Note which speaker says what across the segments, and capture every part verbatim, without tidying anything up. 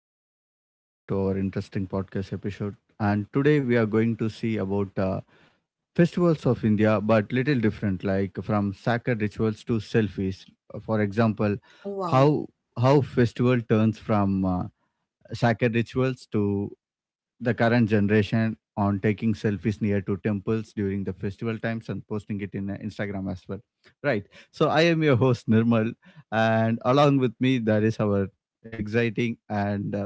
Speaker 1: morning, and welcome to our interesting podcast episode. And today we are going to see about uh, festivals of India, but little different, like from sacred rituals to selfies. For example,
Speaker 2: Wow.
Speaker 1: how how festival turns from uh, sacred rituals to the current generation on taking selfies near to temples during the festival times and posting it in uh, Instagram as well. Right. So I am your host Nirmal, and along with me that is our exciting and uh,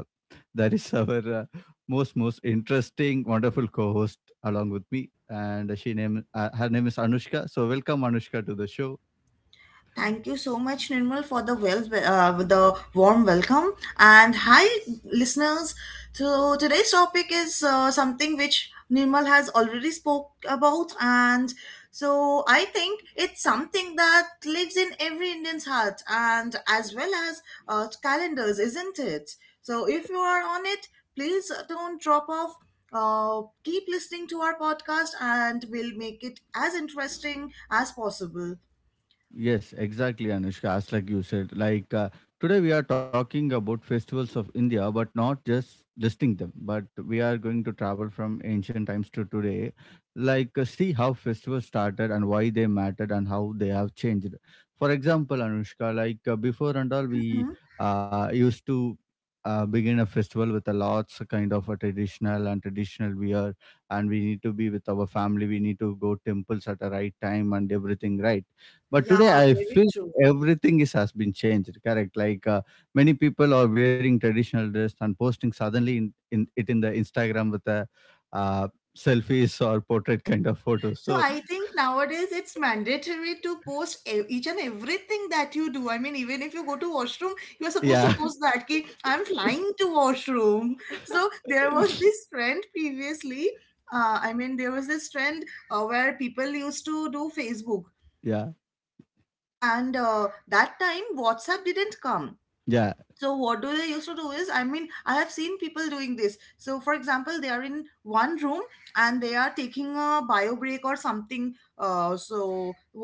Speaker 1: that is our uh, most most interesting wonderful co-host along with me, and she name uh, her name is Anushka. So welcome Anushka to the show.
Speaker 2: Thank you so much, Nirmal, for the well, uh, the warm welcome. And hi, listeners. So today's topic is uh, something which Nirmal has already spoke about, and so I think it's something that lives in every Indian's heart, and as well as uh, calendars, isn't it? So if you are on it, please don't drop off. Uh, keep listening to our podcast, and we'll make it as interesting as possible.
Speaker 1: Yes, exactly, Anushka. As like you said, like uh, today we are talking about festivals of India, but not just listing them, but we are going to travel from ancient times to today, like uh, see how festivals started and why they mattered and how they have changed. For example, Anushka, like uh, before and all, we
Speaker 2: Mhm.
Speaker 1: uh, used to uh, begin a festival with a lots kind of a traditional and traditional wear, and we need to be with our family. We need to go temples at the right time and everything, right? But
Speaker 2: Yeah,
Speaker 1: today, I
Speaker 2: very
Speaker 1: feel
Speaker 2: true.
Speaker 1: everything is has been changed. Correct. Like uh, many people are wearing traditional dress and posting suddenly in, in it in the Instagram with a uh, selfies or portrait kind of photos.
Speaker 2: So
Speaker 1: So
Speaker 2: I think nowadays it's mandatory to post e- each and everything that you do. I mean, even if you go to washroom, you are supposed
Speaker 1: yeah.
Speaker 2: to post that ki I'm flying to washroom. So there was this trend previously. Uh, I mean, there was this trend uh, where people used to do Facebook,
Speaker 1: Yeah,
Speaker 2: and uh, that time WhatsApp didn't come.
Speaker 1: yeah,
Speaker 2: So what do they used to do is, I mean, I have seen people doing this, so for example, they are in one room and they are taking a bio break or something, uh, so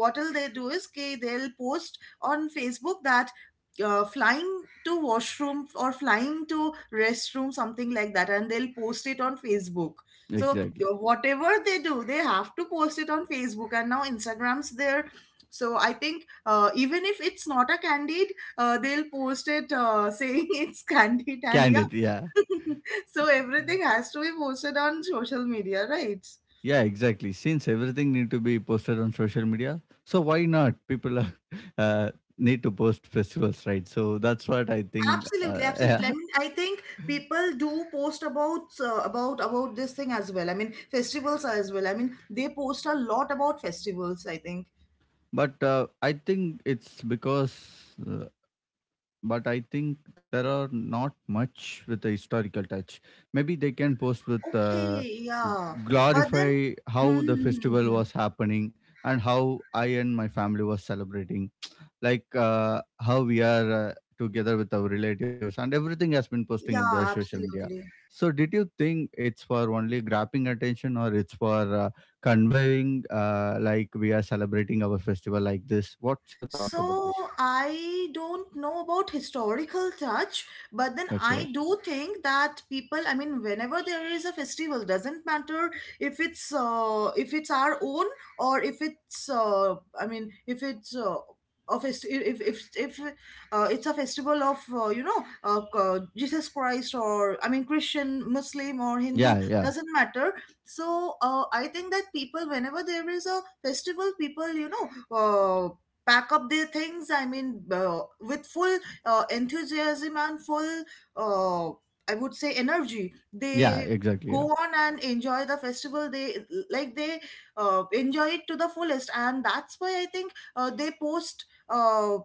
Speaker 2: what will they do is okay, they'll post on Facebook that uh, flying to washroom or flying to restroom, something like that, and they'll post it on Facebook. So
Speaker 1: exactly.
Speaker 2: uh, whatever they do, they have to post it on Facebook, and now Instagram's there. So I think uh, even if it's not a candid, uh, they'll post it uh, saying it's candy tandy.
Speaker 1: Candid. Yeah,
Speaker 2: So everything has to be posted on social media, right?
Speaker 1: yeah, exactly. Since everything need to be posted on social media, so why not? People are, uh, need to post festivals, right? So that's what I think. Uh,
Speaker 2: Absolutely,
Speaker 1: yeah.
Speaker 2: absolutely. I mean, I think people do post about uh, about about this thing as well. I mean, festivals as well. I mean, they post a lot about festivals, I think.
Speaker 1: But uh, I think it's because, uh, but I think there are not much with a historical touch. Maybe they can post with uh,
Speaker 2: Okay, yeah, but then,
Speaker 1: glorify
Speaker 2: Hmm,
Speaker 1: how the
Speaker 2: hmm,
Speaker 1: festival
Speaker 2: hmm, hmm.
Speaker 1: was happening and how I and my family was celebrating, like uh, how we are uh, together with our relatives and everything has been posting in the
Speaker 2: Yeah,
Speaker 1: social media.
Speaker 2: absolutely.
Speaker 1: So did you think it's for only grabbing attention, or it's for uh, conveying, uh, like, we are celebrating our festival like this? What's your thought about
Speaker 2: So
Speaker 1: this?
Speaker 2: I don't know about historical touch, but then
Speaker 1: Okay.
Speaker 2: I do think that people, I mean, whenever there is a festival, doesn't matter if it's uh, if it's our own or if it's uh, I mean, if it's uh, a fest- if if if uh, it's a festival of uh, you know uh, uh, Jesus Christ, or I mean Christian, Muslim or
Speaker 1: Yeah,
Speaker 2: Hindu,
Speaker 1: yeah,
Speaker 2: doesn't matter. So uh, I think that people, whenever there is a festival, people you know. Uh, pack up their things, I mean, uh, with full uh, enthusiasm and full uh, I would say energy.
Speaker 1: yeah,
Speaker 2: They
Speaker 1: exactly, yeah.
Speaker 2: go on and enjoy the festival. They, like they, uh, enjoy it to the fullest, and that's why I think uh, they post uh,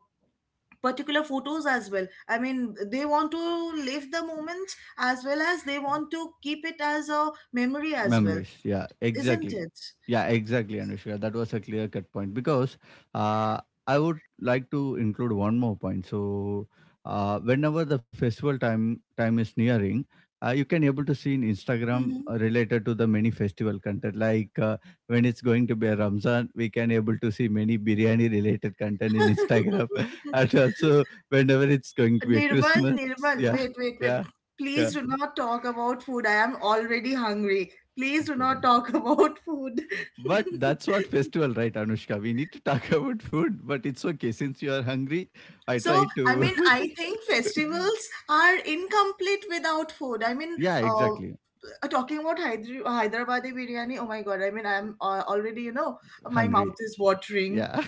Speaker 2: particular photos as well. I mean, they want to live the moment as well as they want to keep it as a memory as well,
Speaker 1: Memories. Yeah,
Speaker 2: isn't
Speaker 1: exactly.
Speaker 2: it?
Speaker 1: Yeah, exactly, Anushka. That was a clear cut point because uh, I would like to include one more point. So, uh, whenever the festival time time is nearing, uh, you can able to see in Instagram
Speaker 2: Mhm.
Speaker 1: uh, related to the many festival content. Like uh, when it's going to be a Ramzan, we can able to see many biryani related content in Instagram, and also whenever it's going to be a
Speaker 2: Nirmal,
Speaker 1: Christmas. Yeah,
Speaker 2: Nirmal, wait, wait,
Speaker 1: yeah,
Speaker 2: wait.
Speaker 1: yeah.
Speaker 2: Please do not talk about food. I am already hungry. Please do
Speaker 1: Okay
Speaker 2: not
Speaker 1: then.
Speaker 2: talk about food.
Speaker 1: But that's what festival, right, Anushka? We need to talk about food, but it's okay. Since you are hungry, I
Speaker 2: So,
Speaker 1: try
Speaker 2: I
Speaker 1: to.
Speaker 2: mean, I think festivals are incomplete without food. I mean,
Speaker 1: Yeah,
Speaker 2: um,
Speaker 1: exactly.
Speaker 2: uh, talking about Hyder- Hyderabadi biryani, oh my God, I mean, I'm uh, already, you know, my mouth
Speaker 1: Hungry.
Speaker 2: is watering.
Speaker 1: Yeah.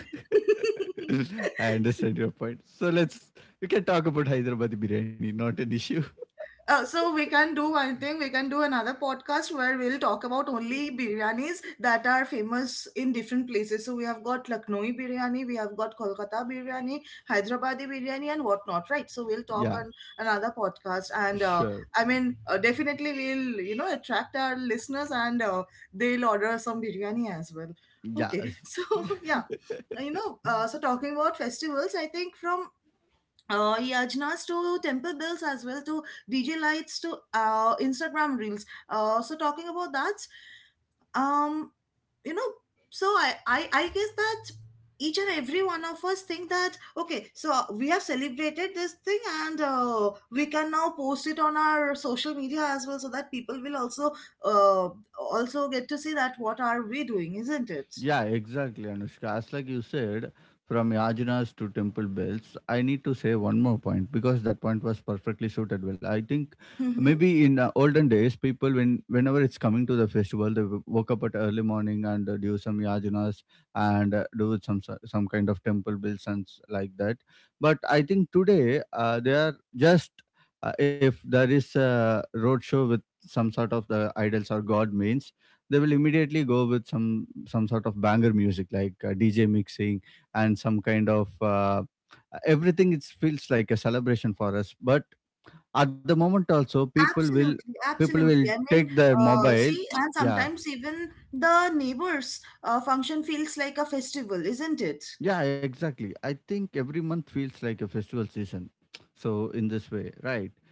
Speaker 1: I understand your point. So let's, you can talk about Hyderabad biryani, not an issue.
Speaker 2: Uh, so we can do one thing. We can do another podcast where we'll talk about only biryanis that are famous in different places. So we have got Lucknowi biryani, we have got Kolkata biryani, Hyderabadi biryani, and whatnot, right? So we'll talk
Speaker 1: Yeah,
Speaker 2: on another podcast, and uh,
Speaker 1: sure.
Speaker 2: I mean, uh, definitely we'll, you know, attract our listeners, and uh, they'll order some biryani as well.
Speaker 1: Yeah.
Speaker 2: Okay, so yeah, you know, uh, so talking about festivals, I think from uh, yajnas to temple bells as well to D J lights to uh, Instagram reels. Uh, so talking about that, um, you know, so I, I I guess that each and every one of us think that okay, so we have celebrated this thing, and uh, we can now post it on our social media as well, so that people will also uh, also get to see that what are we doing, isn't it?
Speaker 1: Yeah, exactly, Anushka. As like you said, from Yajanas to temple bells, I need to say one more point because that point was perfectly suited well. I think maybe in uh, olden days, people when whenever it's coming to the festival, they w- woke up at early morning and uh, do some Yajanas and uh, do some so- some kind of temple bells and s- like that. But I think today uh, they are just, uh, if there is a roadshow with some sort of the idols or god means, they will immediately go with some some sort of banger music like uh, dj mixing and some kind of uh, everything. It feels like a celebration for us, but at the moment also people will
Speaker 2: Absolutely,
Speaker 1: people will
Speaker 2: absolutely. I mean,
Speaker 1: take their
Speaker 2: uh,
Speaker 1: mobile.
Speaker 2: see, and
Speaker 1: Yeah,
Speaker 2: sometimes even the neighbors' uh, function feels like a festival, isn't it?
Speaker 1: yeah, exactly. I think every month feels like a festival season, so in this way, right.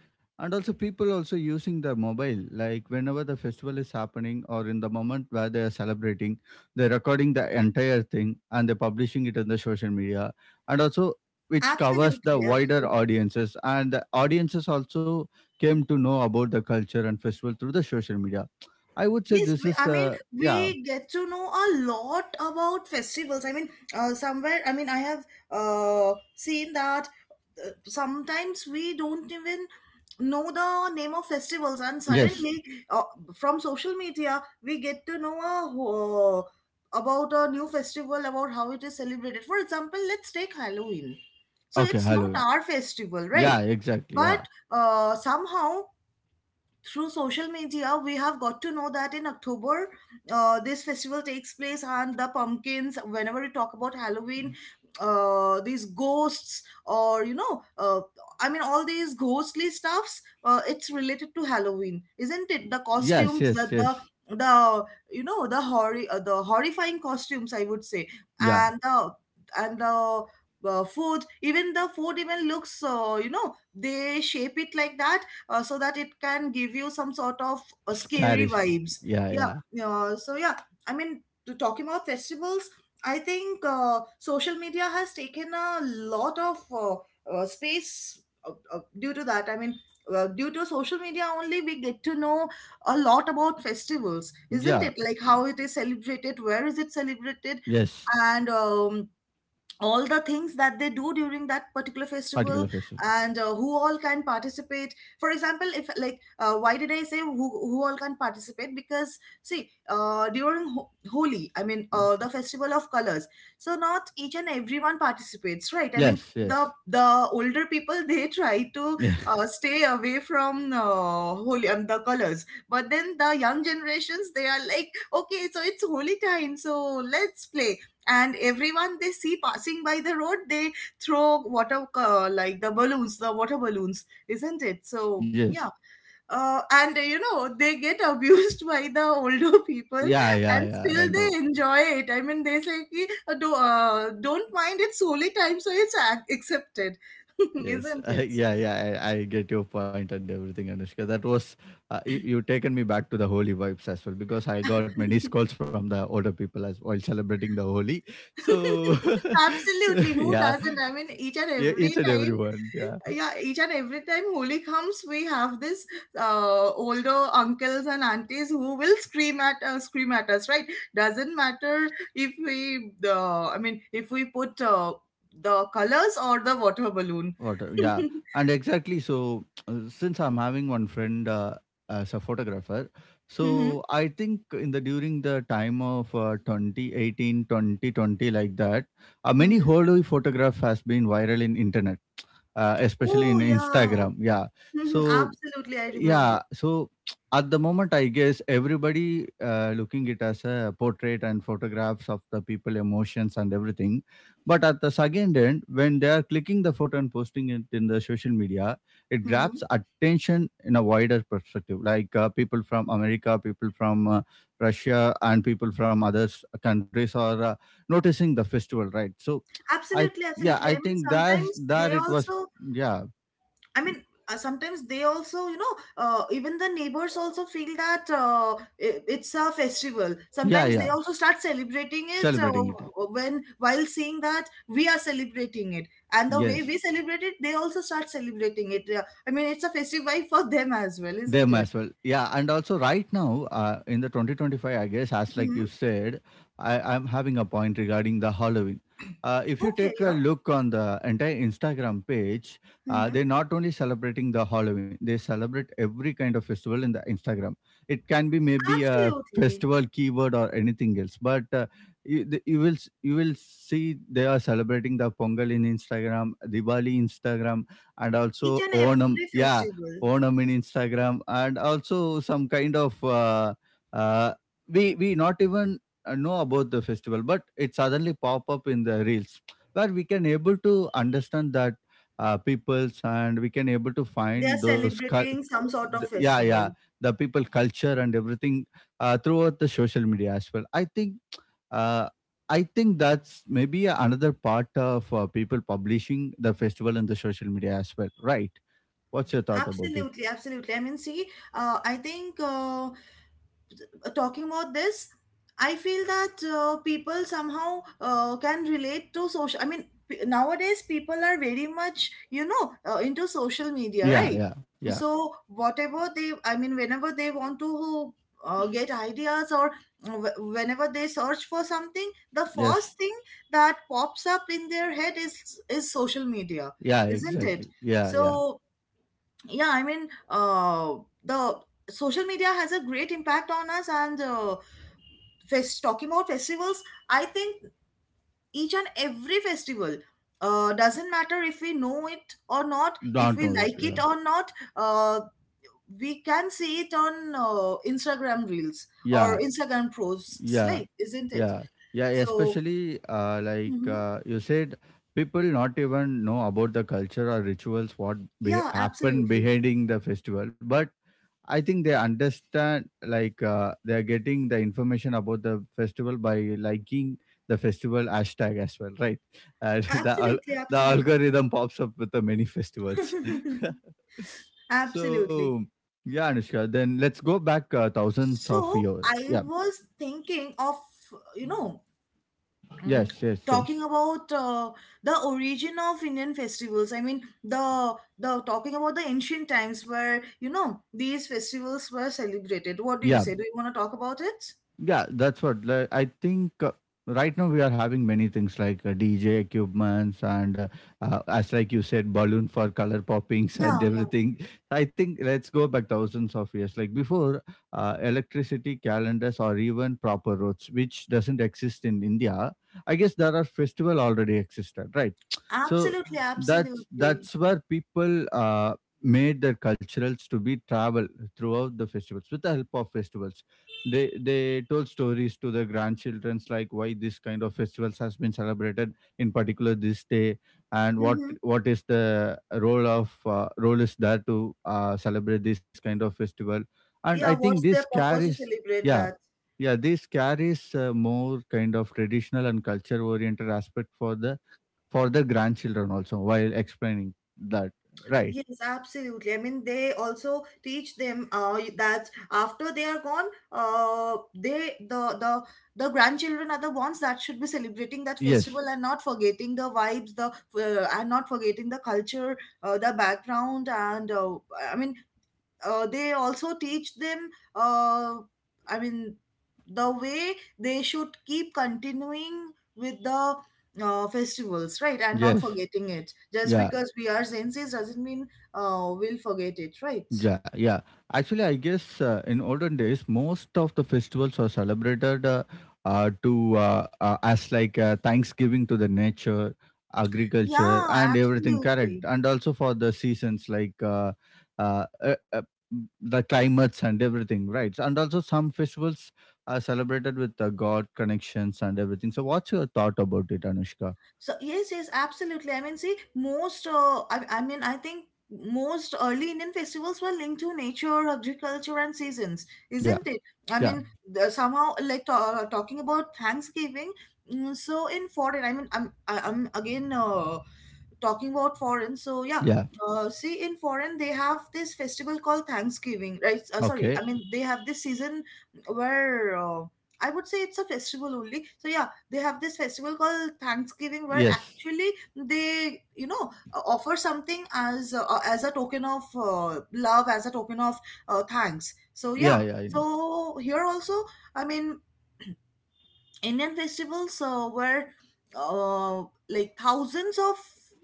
Speaker 1: And also, people also using their mobile. Like whenever the festival is happening, or in the moment where they are celebrating, they're recording the entire thing and they're publishing it on the social media, and also which covers the
Speaker 2: Absolutely,
Speaker 1: wider
Speaker 2: absolutely.
Speaker 1: audiences. And the audiences also came to know about the culture and festival through the social media. I would say
Speaker 2: Yes,
Speaker 1: this
Speaker 2: we,
Speaker 1: is,
Speaker 2: I mean,
Speaker 1: uh, yeah,
Speaker 2: we get to know a lot about festivals. I mean, uh, somewhere, I mean, I have uh, seen that uh, sometimes we don't even know the name of festivals, and
Speaker 1: yes,
Speaker 2: suddenly uh, from social media we get to know a, wh- about a new festival, about how it is celebrated. For example, let's take Halloween. So
Speaker 1: okay,
Speaker 2: it's not
Speaker 1: Halloween.
Speaker 2: our festival,
Speaker 1: Yeah,
Speaker 2: right?
Speaker 1: exactly.
Speaker 2: But
Speaker 1: Yeah,
Speaker 2: uh, somehow through social media we have got to know that in October uh, this festival takes place, and the pumpkins, whenever we talk about Halloween, uh, these ghosts, or you know, uh, I mean, all these ghostly stuffs, uh, it's related to Halloween, isn't it? The
Speaker 1: yes,
Speaker 2: costumes, the
Speaker 1: yes,
Speaker 2: the
Speaker 1: yes.
Speaker 2: the you know, the horror, uh, the horrifying costumes, I would say,
Speaker 1: Yeah,
Speaker 2: and the and the uh, food, even the food even looks, uh, you know, they shape it like that, uh, so that it can give you some sort of uh,
Speaker 1: scary.
Speaker 2: scary
Speaker 1: sp-
Speaker 2: vibes.
Speaker 1: Yeah,
Speaker 2: Yeah.
Speaker 1: yeah,
Speaker 2: Uh, so yeah, I mean, to talking about festivals, I think uh, social media has taken a lot of uh, uh, space uh, uh, due to that. I mean, uh, due to social media only, we get to know a lot about festivals, isn't
Speaker 1: yeah.
Speaker 2: it? Like how it is celebrated, where is it celebrated,
Speaker 1: Yes,
Speaker 2: and um, all the things that they do during that particular festival,
Speaker 1: particular festival.
Speaker 2: and uh, who all can participate. For example, if, like, uh, why did I say who, who all can participate? Because see, uh, during Ho- Holi, I mean, uh, the festival of colors, so not each and everyone participates, right? I mean,
Speaker 1: Yes,
Speaker 2: the
Speaker 1: yes.
Speaker 2: the older people they try to
Speaker 1: Yeah,
Speaker 2: uh, stay away from uh, Holi, um, the colors, but then the young generations, they are like okay, so it's Holi time, so let's play, and everyone they see passing by the road, they throw water, uh, like the balloons, the water balloons, isn't it? So
Speaker 1: yes.
Speaker 2: yeah, uh, and uh, you know, they get abused by the older people,
Speaker 1: Yeah, yeah,
Speaker 2: and
Speaker 1: yeah.
Speaker 2: still
Speaker 1: I know.
Speaker 2: they enjoy it. I mean, they say ki, uh, do, uh, don't mind, it's holy time, so it's ac- accepted,
Speaker 1: Yes.
Speaker 2: isn't
Speaker 1: I,
Speaker 2: it?
Speaker 1: yeah, yeah. I, I get your point and everything, Anushka. That was, uh, you, you taken me back to the holy vibes as well because I got many calls from the older people as while celebrating the holy. So,
Speaker 2: Absolutely, who
Speaker 1: yeah,
Speaker 2: doesn't? I mean, each and
Speaker 1: e- each
Speaker 2: every
Speaker 1: and
Speaker 2: time,
Speaker 1: everyone. Yeah.
Speaker 2: yeah, each and every time Holi comes, we have this uh, older uncles and aunties who will scream at uh, scream at us, right? Doesn't matter if we, uh, I mean, if we put uh, the colors or the water balloon.
Speaker 1: Water, yeah, and exactly. So, uh, since I'm having one friend uh, as a photographer,
Speaker 2: Hmm,
Speaker 1: so I think in the during the time of uh, twenty eighteen, like that, uh, many
Speaker 2: hmm.
Speaker 1: Holoi photograph has been viral in internet, uh, especially in
Speaker 2: Oh yeah,
Speaker 1: Instagram. Yeah,
Speaker 2: hmm,
Speaker 1: so
Speaker 2: absolutely. I remember.
Speaker 1: yeah, so at the moment, I guess everybody uh, looking it as a portrait and photographs of the people, emotions and everything. But at the second end, when they are clicking the photo and posting it in the social media, it
Speaker 2: Hmm.
Speaker 1: grabs attention in a wider perspective, like uh, people from America, people from uh, Russia, and people from other s- countries are uh, noticing the festival, right? So, I
Speaker 2: Absolutely,
Speaker 1: yeah,
Speaker 2: absolutely.
Speaker 1: I
Speaker 2: I mean,
Speaker 1: think that
Speaker 2: sometimes they
Speaker 1: there it was.
Speaker 2: also,
Speaker 1: Yeah,
Speaker 2: I mean, uh, sometimes they also, you know, uh, even the neighbors also feel that uh, i- it's a festival.
Speaker 1: yeah,
Speaker 2: Sometimes they
Speaker 1: yeah,
Speaker 2: also start celebrating it uh,
Speaker 1: celebrating it.
Speaker 2: when while seeing that we are celebrating it, and the way we
Speaker 1: Yes.
Speaker 2: celebrate it, they also start celebrating it. Yeah. I mean, it's a festive vibe for them as well,
Speaker 1: They
Speaker 2: isn't
Speaker 1: as
Speaker 2: it?
Speaker 1: well. Yeah, and also right now, uh, in the twenty twenty-five, I guess, as like
Speaker 2: Hmm.
Speaker 1: you said, I, I'm having a point regarding the Halloween. Uh, if you
Speaker 2: Okay,
Speaker 1: take a
Speaker 2: yeah.
Speaker 1: look on the entire Instagram page, uh,
Speaker 2: Hmm.
Speaker 1: they're not only celebrating the Halloween, they celebrate every kind of festival in the Instagram. It can be maybe a
Speaker 2: Absolutely.
Speaker 1: festival keyword or anything else, but uh, you, the- you will s- you will see they are celebrating the Pongal in Instagram, Diwali Instagram, and
Speaker 2: Each
Speaker 1: also
Speaker 2: and
Speaker 1: Onam.
Speaker 2: every
Speaker 1: Yeah,
Speaker 2: festival,
Speaker 1: Onam in Instagram, and also some kind of uh, uh, we we not even uh, know about the festival, but it suddenly pop up in the reels where we can able to understand that uh, peoples and we can able to
Speaker 2: they are
Speaker 1: find those cul-
Speaker 2: celebrating some sort
Speaker 1: the-
Speaker 2: of
Speaker 1: yeah, yeah,
Speaker 2: festival.
Speaker 1: the people culture and everything uh, throughout the social media as well. I think uh, I think that's maybe another part of uh, people publishing the festival and the social media as well, right? What's your thought about it?
Speaker 2: Absolutely, absolutely. I mean, see, uh, I think. Uh, talking about this, I feel that uh, people somehow uh, can relate to social, I mean, p- nowadays people are very much, you know, uh, into social media,
Speaker 1: Yeah,
Speaker 2: right?
Speaker 1: yeah, yeah.
Speaker 2: So whatever they, I mean, whenever they want to uh, get ideas, or wh- whenever they search for something, the
Speaker 1: Yes.
Speaker 2: first thing that pops up in their head is is social media,
Speaker 1: Yeah,
Speaker 2: isn't it?
Speaker 1: exactly. Yeah,
Speaker 2: So
Speaker 1: yeah.
Speaker 2: yeah, I mean, uh the social media has a great impact on us, and uh, fest- talking about festivals, I think each and every festival, uh, doesn't matter if we know it or not, if
Speaker 1: Don't
Speaker 2: we
Speaker 1: know it.
Speaker 2: like it
Speaker 1: Yeah.
Speaker 2: or not, uh, we can see it on uh, Instagram reels or
Speaker 1: Yeah,
Speaker 2: Instagram posts,
Speaker 1: yeah,
Speaker 2: like, isn't it?
Speaker 1: yeah. Yeah,
Speaker 2: So
Speaker 1: especially uh, like
Speaker 2: mhm.
Speaker 1: uh, you said, people not even know about the culture or rituals what be-
Speaker 2: Yeah,
Speaker 1: happen
Speaker 2: absolutely.
Speaker 1: behind the festival. But I think they understand like uh, they are getting the information about the festival by liking the festival hashtag as well, right? And the al-
Speaker 2: Absolutely,
Speaker 1: the algorithm pops up with the many festivals.
Speaker 2: absolutely.
Speaker 1: So
Speaker 2: Absolutely.
Speaker 1: yeah, Anushka. Then let's go back uh, thousands of
Speaker 2: So
Speaker 1: years.
Speaker 2: I
Speaker 1: Yeah.
Speaker 2: was thinking of, you know, mm,
Speaker 1: Yes. Yes. Yes.
Speaker 2: talking about uh, the origin of Indian festivals. I mean, the the talking about the ancient times where, you know, these festivals were celebrated. What do you
Speaker 1: Yeah.
Speaker 2: say? Do you want to talk about it?
Speaker 1: Yeah, that's what like, I think. Uh, right now, we are having many things like uh, D J equipments and, uh, uh, as like you said, balloon for color poppings and
Speaker 2: Yeah, yeah.
Speaker 1: everything. I think let's go back thousands of years. Like before, uh, electricity, calendars, or even proper roads, which doesn't exist in India. I guess there are festival already existed, right? So
Speaker 2: Absolutely,
Speaker 1: that's
Speaker 2: absolutely.
Speaker 1: that's where people uh, made their culturals to be travel throughout the festivals. With the help of festivals, they they told stories to their grandchildrens, like why this kind of festivals has been celebrated in particular this day, and what
Speaker 2: Hmm.
Speaker 1: what is the role of uh, role is there to uh, celebrate this kind of festival. And I
Speaker 2: Yeah,
Speaker 1: think
Speaker 2: what's
Speaker 1: this
Speaker 2: their purpose to
Speaker 1: carries,
Speaker 2: celebrate
Speaker 1: yeah,
Speaker 2: that?
Speaker 1: yeah, this carries uh, more kind of traditional and culture oriented aspect for the for the grandchildren also while explaining that, right.
Speaker 2: Yes, absolutely. I mean, they also teach them uh, that after they are gone, uh, they the the the grandchildren are the ones that should be celebrating that festival,
Speaker 1: Yes,
Speaker 2: and not forgetting the vibes, the uh, and not forgetting the culture, uh, the background, and uh, I mean, uh, they also teach them, uh, i mean the way they should keep continuing with the uh, festivals, right, and not
Speaker 1: yes,
Speaker 2: forgetting it just
Speaker 1: yeah.
Speaker 2: because we are senses doesn't mean uh, we'll forget it, right?
Speaker 1: Yeah, yeah. Actually, I guess uh, in olden days, most of the festivals are celebrated uh, uh, to uh, uh, as like uh, Thanksgiving to the nature, agriculture,
Speaker 2: Yeah,
Speaker 1: and everything. Correct,
Speaker 2: absolutely.
Speaker 1: and also for the seasons like uh, uh, uh, uh, the climates and everything. Right, and also some festivals are celebrated with uh, God connections and everything. So, what's your thought about it, Anushka?
Speaker 2: So yes, yes, absolutely. I mean, see, most uh, I, I mean, I think most early Indian festivals were linked to nature, agriculture, and seasons,
Speaker 1: Yeah,
Speaker 2: isn't it? I
Speaker 1: yeah,
Speaker 2: mean, the- somehow like ta- talking about Thanksgiving. mm, So in foreign, I mean, I'm I- I'm again uh, talking about foreign, so yeah.
Speaker 1: yeah.
Speaker 2: Uh, see, in foreign they have this festival called Thanksgiving, right? Uh, sorry,
Speaker 1: Okay.
Speaker 2: I mean they have this season where uh, I would say it's a festival only, so yeah, they have this festival called Thanksgiving where
Speaker 1: Yes.
Speaker 2: actually they you know uh, offer something as uh, uh, as a token of uh, love, as a token of uh, thanks, so
Speaker 1: Yeah,
Speaker 2: yeah.
Speaker 1: yeah. I know.
Speaker 2: So here also, I mean, Indian festivals uh, were uh, like thousands of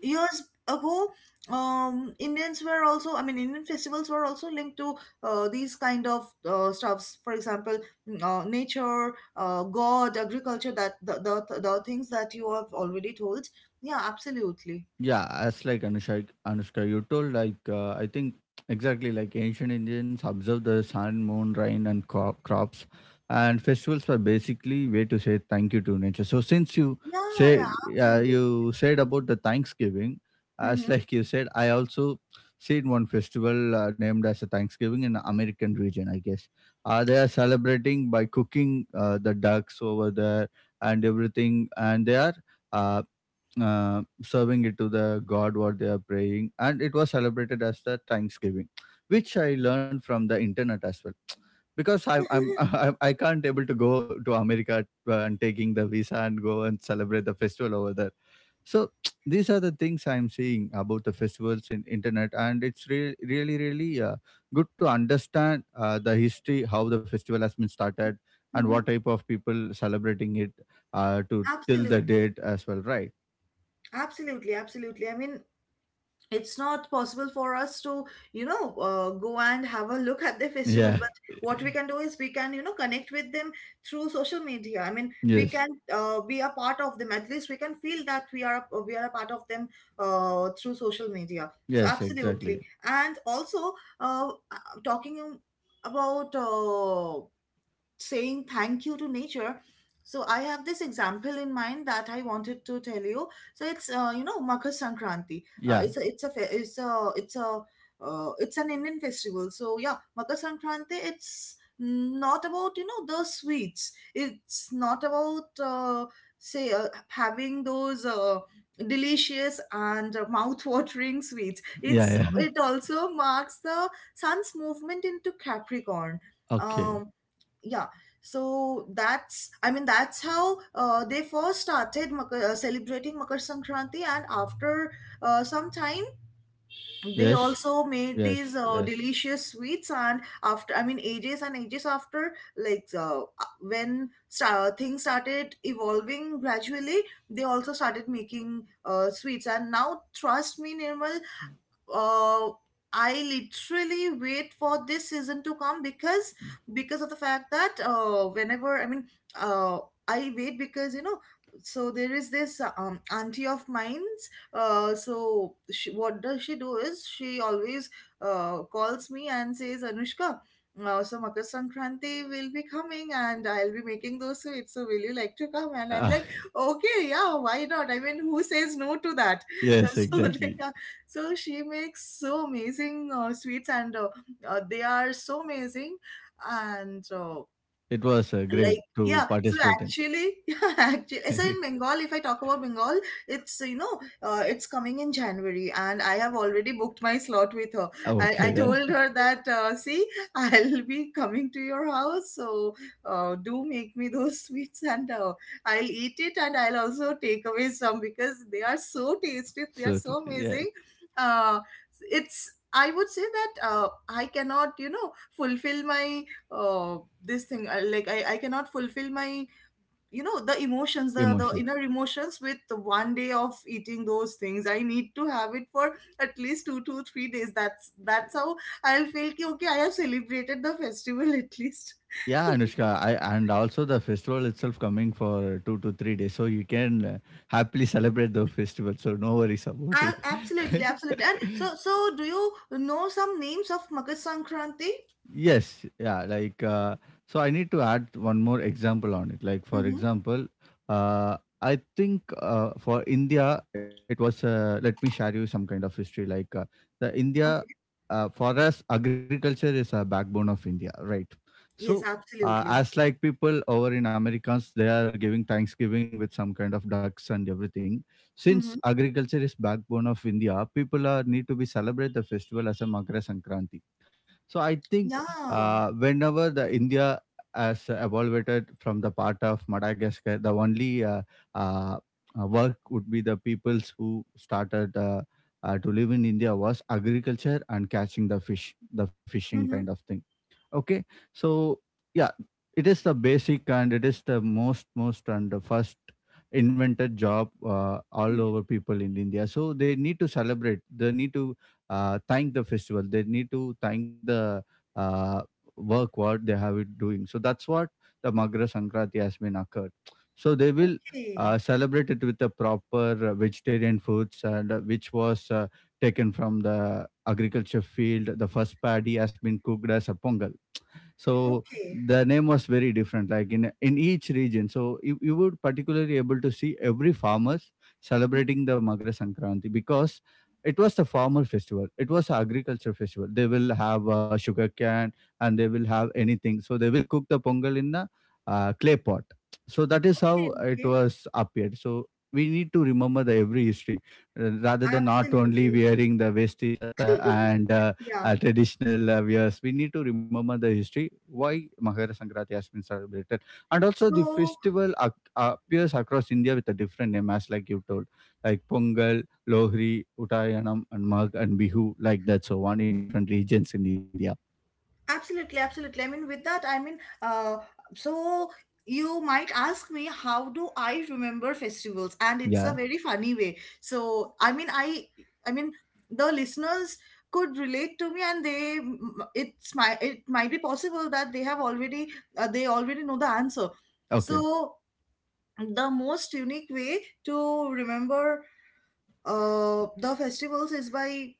Speaker 2: years ago. Um, Indians were also, I mean, Indian festivals were also linked to uh, these kind of uh, stuffs. For example, mm, uh, nature, uh, God, agriculture, that the, the, the things that you have already told. Yeah, absolutely.
Speaker 1: Yeah, as like Anushka, Anushka, you told, like, uh, I think exactly like ancient Indians observed the sun, moon, rain, and cro- crops, and festivals were basically way to say thank you to nature. So since you
Speaker 2: Yeah,
Speaker 1: say,
Speaker 2: yeah,
Speaker 1: uh,
Speaker 2: absolutely.
Speaker 1: you said about the Thanksgiving, as
Speaker 2: Mm-hmm.
Speaker 1: like you said, I also seen one festival uh, named as a Thanksgiving in the American region. I guess uh, they are celebrating by cooking uh, the ducks over there and everything, and they are. Uh, uh, Serving it to the god what they are praying, and it was celebrated as the Thanksgiving, which I learned from the internet as well. because I, I'm I, I can't able to go to America, uh, and taking the visa and go and celebrate the festival over there. So these are the things I'm seeing about the festivals in internet, and it's re- really really uh, good to understand, uh, the history, how the festival has been started,
Speaker 2: Mm-hmm.
Speaker 1: and
Speaker 2: Mm-hmm.
Speaker 1: what type of people celebrating it, uh, to till the
Speaker 2: Absolutely.
Speaker 1: date as well, right?
Speaker 2: Absolutely, absolutely. I mean, it's not possible for us to you know uh, go and have a look at the festival,
Speaker 1: Yeah.
Speaker 2: but what we can do is we can you know connect with them through social media. I mean, we can
Speaker 1: Yes.
Speaker 2: uh, be a part of them, at least we can feel that we are a, we are a part of them uh, through social media, so
Speaker 1: Yes,
Speaker 2: absolutely.
Speaker 1: exactly.
Speaker 2: And also uh, uh, talking about uh, saying thank you to nature, so I have this example in mind that I wanted to tell you. So it's uh, you know Makar Sankranti. Uh,
Speaker 1: Yeah.
Speaker 2: it's a it's a fe- it's a it's a uh, it's an Indian festival, so yeah, Makar Sankranti, it's not about you know the sweets, it's not about uh, say uh, having those uh, delicious and mouth-watering sweets.
Speaker 1: Yeah,
Speaker 2: It's
Speaker 1: yeah.
Speaker 2: it also marks the sun's movement into Capricorn.
Speaker 1: Okay.
Speaker 2: um yeah. So that's, I mean, that's how uh, they first started Makar, uh, celebrating Makar Sankranti, and after uh, some time, they
Speaker 1: Yes.
Speaker 2: also made
Speaker 1: Yes,
Speaker 2: these uh,
Speaker 1: yes.
Speaker 2: delicious sweets, and after, I mean, ages and ages after, like uh, uh, when sta- uh, things started evolving gradually, they also started making uh, sweets. And now trust me, Nirmal, uh, I literally wait for this season to come, because because of the fact that uh, whenever, I mean, uh, I wait because you know, so there is this uh, um, auntie of mine's, uh, so she, what does she do is she always uh, calls me and says, Anushka, uh, so Makar Sankranti will be coming and I'll be making those sweets, so will you like to come? And I'm
Speaker 1: Ah,
Speaker 2: like, okay, yeah, why not, I mean, who says no to that?
Speaker 1: yes,
Speaker 2: So they,
Speaker 1: exactly.
Speaker 2: so she makes so amazing uh, sweets, and uh, uh, they are so amazing. And uh,
Speaker 1: It was uh, great
Speaker 2: like
Speaker 1: to
Speaker 2: yeah, so
Speaker 1: participate in.
Speaker 2: actually yeah, actually so in Bengal, if I talk about Bengal, it's you know uh, it's coming in January, and I have already booked my slot with her. i, I
Speaker 1: Okay, then.
Speaker 2: told her that uh, see, I'll be coming to your house, so uh, do make me those sweets, and uh, I'll eat it and I'll also take away some because they are so tasty, they are
Speaker 1: So t-
Speaker 2: so
Speaker 1: yeah,
Speaker 2: amazing. uh, it's, I would say that uh, I cannot you know fulfill my uh this thing. I, like I, I cannot fulfill my you know the emotions, the, the inner
Speaker 1: emotions.
Speaker 2: emotions, with one day of eating those things. I need to have it for at least two to three days. That's that's how I'll feel ki, okay, I have celebrated the festival at least.
Speaker 1: Yeah, Anushka, I and also the festival itself coming for two to three days, so you can uh, happily celebrate the festival. So no worries about it.
Speaker 2: A- absolutely, absolutely. And so, so do you know some names of Makar Sankranti?
Speaker 1: Yes, yeah, like uh, so I need to add one more example on it. Like for
Speaker 2: Mm-hmm.
Speaker 1: example, uh, I think, uh, for India it was uh, let me share you some kind of history. Like uh, the India,
Speaker 2: Okay.
Speaker 1: uh, for us agriculture is a backbone of India, right? So
Speaker 2: Yes,
Speaker 1: uh,
Speaker 2: absolutely.
Speaker 1: as like people over in Americans, they are giving Thanksgiving with some kind of ducks and everything. Since
Speaker 2: Mm-hmm.
Speaker 1: agriculture is backbone of India, people are need to be celebrate the festival as a Makara Sankranti, so I think, uh,
Speaker 2: Yeah.
Speaker 1: whenever the India has evolved from the part of Madagascar, the only uh, uh, uh, work would be the peoples who started, uh, uh, to live in India was agriculture and catching the fish, the fishing kind
Speaker 2: Mm-hmm.
Speaker 1: of thing. Okay. So yeah, it is the basic and it is the most most and the first invented job, uh, all over people in India. So they need to celebrate. They need to uh, thank the festival. They need to thank the uh, work what they have it doing. So that's what the Magra Sankranti has been occurred. So they will
Speaker 2: Okay.
Speaker 1: uh, celebrate it with the proper uh, vegetarian foods, and uh, which was uh, taken from the agriculture field. The first paddy has been cooked as a pongal, so
Speaker 2: Okay.
Speaker 1: the name was very different, like in in each region, so you, you would particularly able to see every farmers celebrating the magra sankranti, because it was the farmer festival, it was an agriculture festival. They will have uh, sugar cane and they will have anything, so they will cook the pongal in a uh, clay pot. So that is
Speaker 2: Okay.
Speaker 1: how it
Speaker 2: Okay.
Speaker 1: was appeared. So we need to remember the every history, uh, rather than not only
Speaker 2: Absolutely.
Speaker 1: wearing the vesti shatta and uh,
Speaker 2: Yeah.
Speaker 1: uh, traditional uh, wears. We need to remember the history why Mahara Sankranti has been celebrated, and also the
Speaker 2: So,
Speaker 1: festival ac- appears across India with a different name, as like you told, like Pongal, Lohri, Uttayanam, and Magh and Bihu, like that. So on in different regions in India.
Speaker 2: absolutely, absolutely. I mean, with that, I mean, uh, so you might ask me, how do I remember festivals? And it's
Speaker 1: Yeah.
Speaker 2: a very funny way. So, I mean, I, I mean, the listeners could relate to me, and they, it's my, it might be possible that they have already, uh, they already know the answer.
Speaker 1: Okay.
Speaker 2: So, the most unique way to remember uh, the festivals is by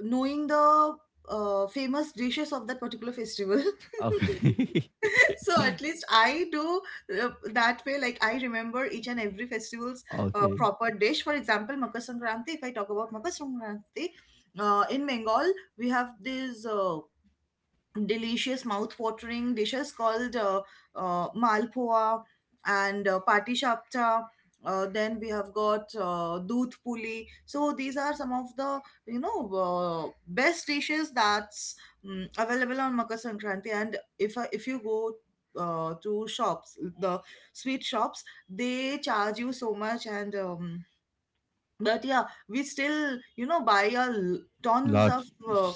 Speaker 2: knowing the uh, famous dishes of that particular festival.
Speaker 1: Okay.
Speaker 2: So at least I do uh, that way, like I remember each and every festival's uh,
Speaker 1: Okay.
Speaker 2: proper dish. For example, Makar Sankranti, if I talk about Makar Sankranti, uh, in Bengal we have this uh, delicious mouth-watering dishes called uh, uh, malpoa, and uh, pati. Uh, then we have got uh, doodh puli. So these are some of the you know uh, best dishes that's um, available on Makar Sankranti. And if I if you go uh, to shops, the sweet shops, they charge you so much. And um, but yeah, we still you know buy a l- tons of
Speaker 1: Lots.
Speaker 2: uh,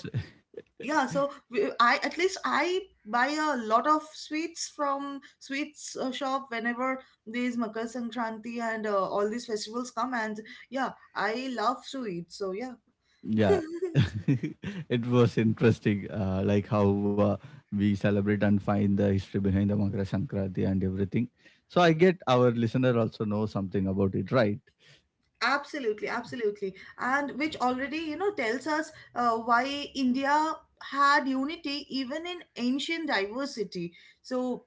Speaker 2: yeah, so we- I, at least I buy a lot of sweets from sweets uh, shop whenever these Makar Sankranti and uh, all these festivals come, and yeah, I love to eat, so yeah.
Speaker 1: Yeah. It was interesting, uh, like how uh, we celebrate and find the history behind the Makara Sankranti and everything. So I get our listener also know something about it, right?
Speaker 2: Absolutely, absolutely. And which already, you know, tells us uh, why India had unity even in ancient diversity. So,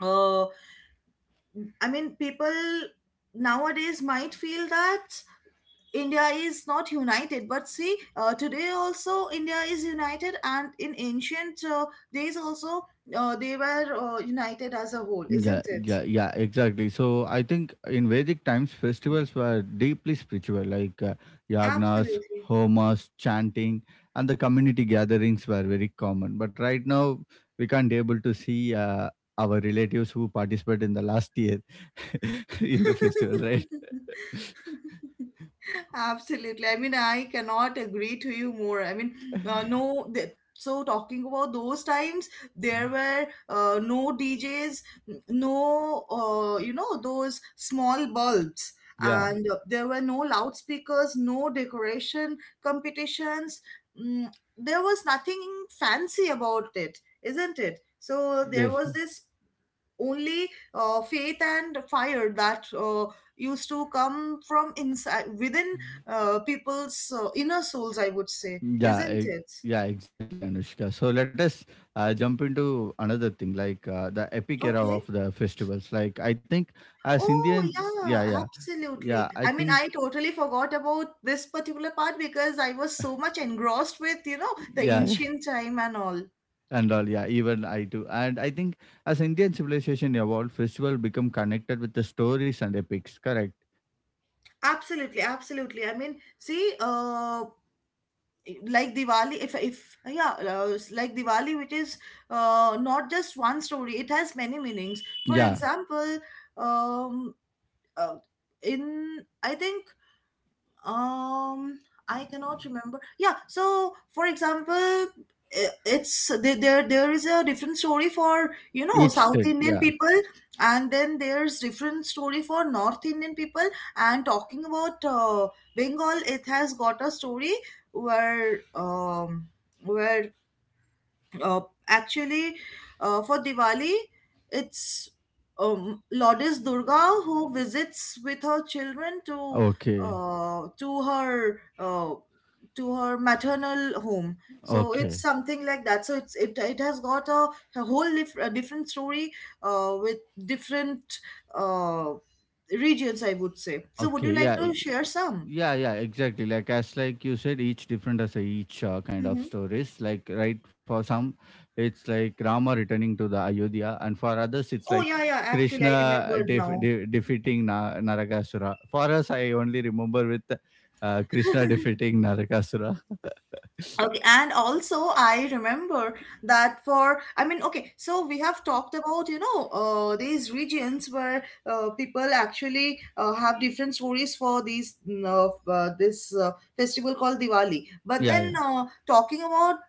Speaker 2: uh, I mean, people nowadays might feel that India is not united, but see, uh, today also India is united, and in ancient uh, days also uh, they were uh, united as a whole,
Speaker 1: Yeah,
Speaker 2: isn't it?
Speaker 1: yeah, yeah, exactly. So I think in Vedic times, festivals were deeply spiritual, like uh, yagnas,
Speaker 2: Absolutely.
Speaker 1: homas, chanting, and the community gatherings were very common. But right now, we can't able to see uh, our relatives who participated in the last year in the festival, right?
Speaker 2: Absolutely. I mean, I cannot agree to you more. I mean, uh, no, th- so talking about those times, there were uh, no D Js, n- no, uh, you know, those small bulbs,
Speaker 1: Yeah,
Speaker 2: and uh, there were no loudspeakers, no decoration competitions. Mm, there was nothing fancy about it, isn't it? So there
Speaker 1: yes.
Speaker 2: was this only uh, faith and fire that uh, used to come from inside, within uh, people's uh, inner souls, I would say,
Speaker 1: Yeah,
Speaker 2: isn't
Speaker 1: e-
Speaker 2: it?
Speaker 1: yeah, exactly, Anushka. So let us uh, jump into another thing, like uh, the epic era
Speaker 2: Okay.
Speaker 1: of the festivals. Like I think, as
Speaker 2: Oh
Speaker 1: Indians,
Speaker 2: yeah,
Speaker 1: yeah, yeah,
Speaker 2: absolutely.
Speaker 1: yeah. I
Speaker 2: I mean,
Speaker 1: think,
Speaker 2: I totally forgot about this particular part because I was so much engrossed with you know the
Speaker 1: yeah,
Speaker 2: ancient time and all.
Speaker 1: and all, yeah. Even I too, and I think as Indian civilization evolved, festival become connected with the stories and epics. Correct.
Speaker 2: Absolutely, absolutely. I mean, see uh like Diwali, if if yeah, uh, s- like Diwali, which is uh, not just one story; it has many meanings. For
Speaker 1: Yeah,
Speaker 2: example, um, uh, in I think, um, I cannot remember. Yeah, so for example, i- it's there there there is a different story for, you know,
Speaker 1: each
Speaker 2: South
Speaker 1: state.
Speaker 2: Indian
Speaker 1: Yeah.
Speaker 2: people, and then there's different story for North Indian people. And talking about uh, Bengal, it has got a story where um where uh, actually uh, for Diwali, it's um, Lourdes Durga who visits with her children to
Speaker 1: Okay.
Speaker 2: uh, to her uh, to her maternal home. So it's
Speaker 1: Okay.
Speaker 2: something like that. So it's it, it has got a, a whole dif- a different story uh, with different uh, regions, I would say. So would
Speaker 1: Okay.
Speaker 2: you like
Speaker 1: Yeah.
Speaker 2: to share some?
Speaker 1: Yeah, yeah, exactly. Like as like you said, each different as a each uh, kind of
Speaker 2: Hmm.
Speaker 1: stories. Like right for some, it's like Rama returning to the Ayodhya, and for others, it's
Speaker 2: Oh
Speaker 1: like
Speaker 2: yeah, yeah. Actually, I
Speaker 1: Krishna
Speaker 2: remembered
Speaker 1: def-
Speaker 2: now.
Speaker 1: de- defeating Na- Narakasura. For us, I only remember with uh, Krishna defeating Narakasura.
Speaker 2: Okay, and also I remember that for, I mean, okay, so we have talked about you know uh, these regions where uh, people actually uh, have different stories for these mm, uh, f- uh, this uh, festival called Diwali. But
Speaker 1: Yeah,
Speaker 2: then
Speaker 1: yeah,
Speaker 2: uh, talking about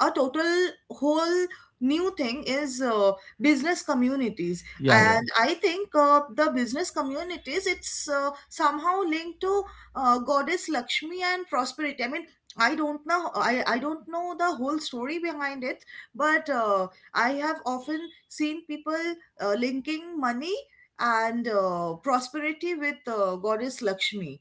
Speaker 2: a total whole new thing is uh, business communities.
Speaker 1: yeah, yeah.
Speaker 2: And I think uh, the business communities, it's uh, somehow linked to uh, goddess Lakshmi and prosperity. I mean, I don't know, i, I don't know the whole story behind it, but uh, I have often seen people uh, linking money and uh, prosperity with uh, goddess Lakshmi,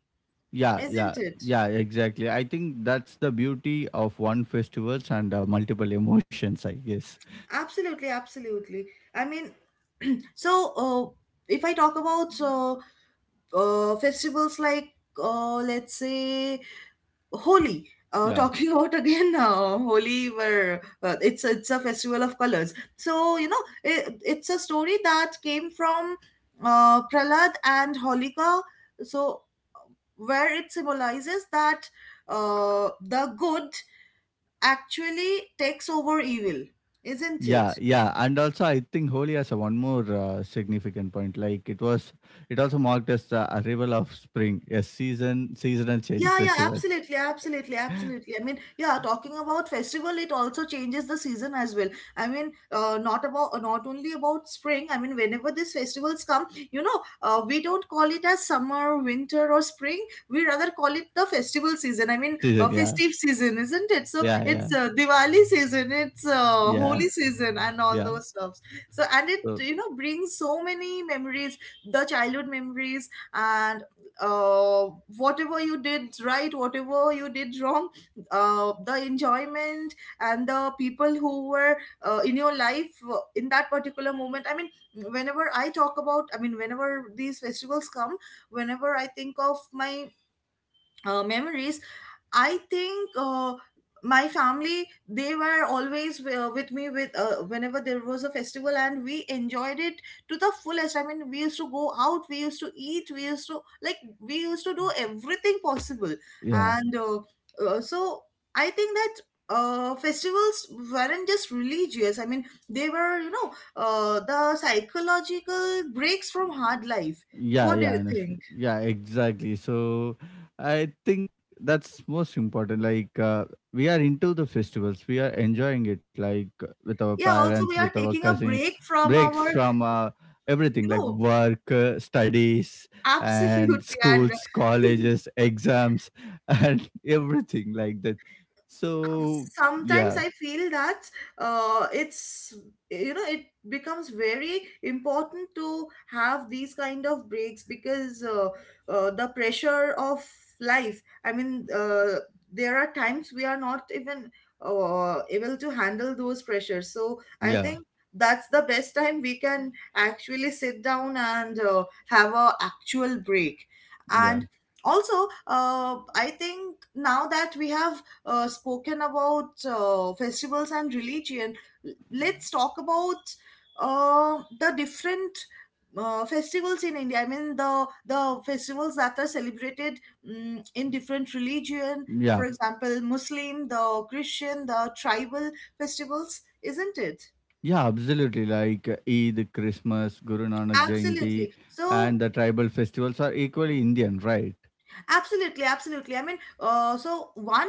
Speaker 1: Yeah, yeah,
Speaker 2: isn't it?
Speaker 1: yeah, exactly. I think that's the beauty of one festivals and uh, multiple emotions, I guess.
Speaker 2: Absolutely, absolutely. I mean, so uh, if I talk about, so uh, festivals like uh, let's say Holi, uh,
Speaker 1: Yeah,
Speaker 2: talking about again uh, Holi, where uh, it's a, it's a festival of colors. So you know, it, it's a story that came from uh, Pralad and Holika. So where it symbolizes that uh, the good actually takes over evil, isn't
Speaker 1: yeah,
Speaker 2: it?
Speaker 1: yeah. And also, I think Holi has a one more uh, significant point. Like it was, it also marked as the arrival of spring, a season, seasonal change
Speaker 2: Yeah, yeah,
Speaker 1: festival.
Speaker 2: absolutely, absolutely, absolutely. I mean, yeah, talking about festival, it also changes the season as well. I mean, uh, not about uh, not only about spring. I mean, whenever these festivals come, you know, uh, we don't call it as summer, winter, or spring. We rather call it the festival season. I mean, uh,
Speaker 1: Season, yeah,
Speaker 2: festive season, isn't it? So
Speaker 1: yeah, yeah,
Speaker 2: it's uh, Diwali season, it's uh,
Speaker 1: yeah,
Speaker 2: Holi season, and
Speaker 1: yeah.
Speaker 2: all those stuffs. So and it
Speaker 1: So,
Speaker 2: you know brings so many memories, the childhood memories, and uh, whatever you did right, whatever you did wrong, uh, the enjoyment, and the people who were uh, in your life uh, in that particular moment. I mean, whenever I talk about, I mean, whenever these festivals come, whenever I think of my uh, memories, I think uh, my family, they were always uh, with me, with uh, whenever there was a festival, and we enjoyed it to the fullest. I mean, we used to go out, we used to eat, we used to like we used to do everything possible,
Speaker 1: yeah.
Speaker 2: and uh, uh, so I think that. Uh, festivals weren't just religious. I mean, they were, you know, uh, the psychological breaks from hard life.
Speaker 1: Yeah,
Speaker 2: What do you
Speaker 1: yeah, Anushka,
Speaker 2: think?
Speaker 1: yeah, exactly. So I think that's most important. Like uh, we are into the festivals, we are enjoying it, like uh, with our
Speaker 2: Yeah,
Speaker 1: parents,
Speaker 2: also, we
Speaker 1: with
Speaker 2: are
Speaker 1: our
Speaker 2: taking a
Speaker 1: cousins,
Speaker 2: break from
Speaker 1: breaks
Speaker 2: our
Speaker 1: from uh,
Speaker 2: you
Speaker 1: everything, like
Speaker 2: know
Speaker 1: work, uh, studies, and
Speaker 2: Absolutely, and
Speaker 1: schools, colleges, exams, and everything like that. So
Speaker 2: sometimes
Speaker 1: yeah,
Speaker 2: I feel that uh, it's you know it becomes very important to have these kind of breaks because uh, uh, the pressure of life. I mean, uh, there are times we are not even uh, able to handle those pressures, so I
Speaker 1: yeah,
Speaker 2: think that's the best time we can actually sit down and uh, have a actual break.
Speaker 1: yeah.
Speaker 2: And also uh, I think now that we have uh, spoken about uh, festivals and religion, l- let's talk about uh, the different uh, festivals in India. I mean, the the festivals that are celebrated mm in different religion.
Speaker 1: Yeah,
Speaker 2: For example, Muslim, the Christian, the tribal festivals, isn't it?
Speaker 1: yeah, absolutely. Like uh, Eid, Christmas, Guru Nanak Jayanti,
Speaker 2: Absolutely.
Speaker 1: and
Speaker 2: So
Speaker 1: the tribal festivals are equally Indian, right?
Speaker 2: absolutely, absolutely. I mean, uh, so one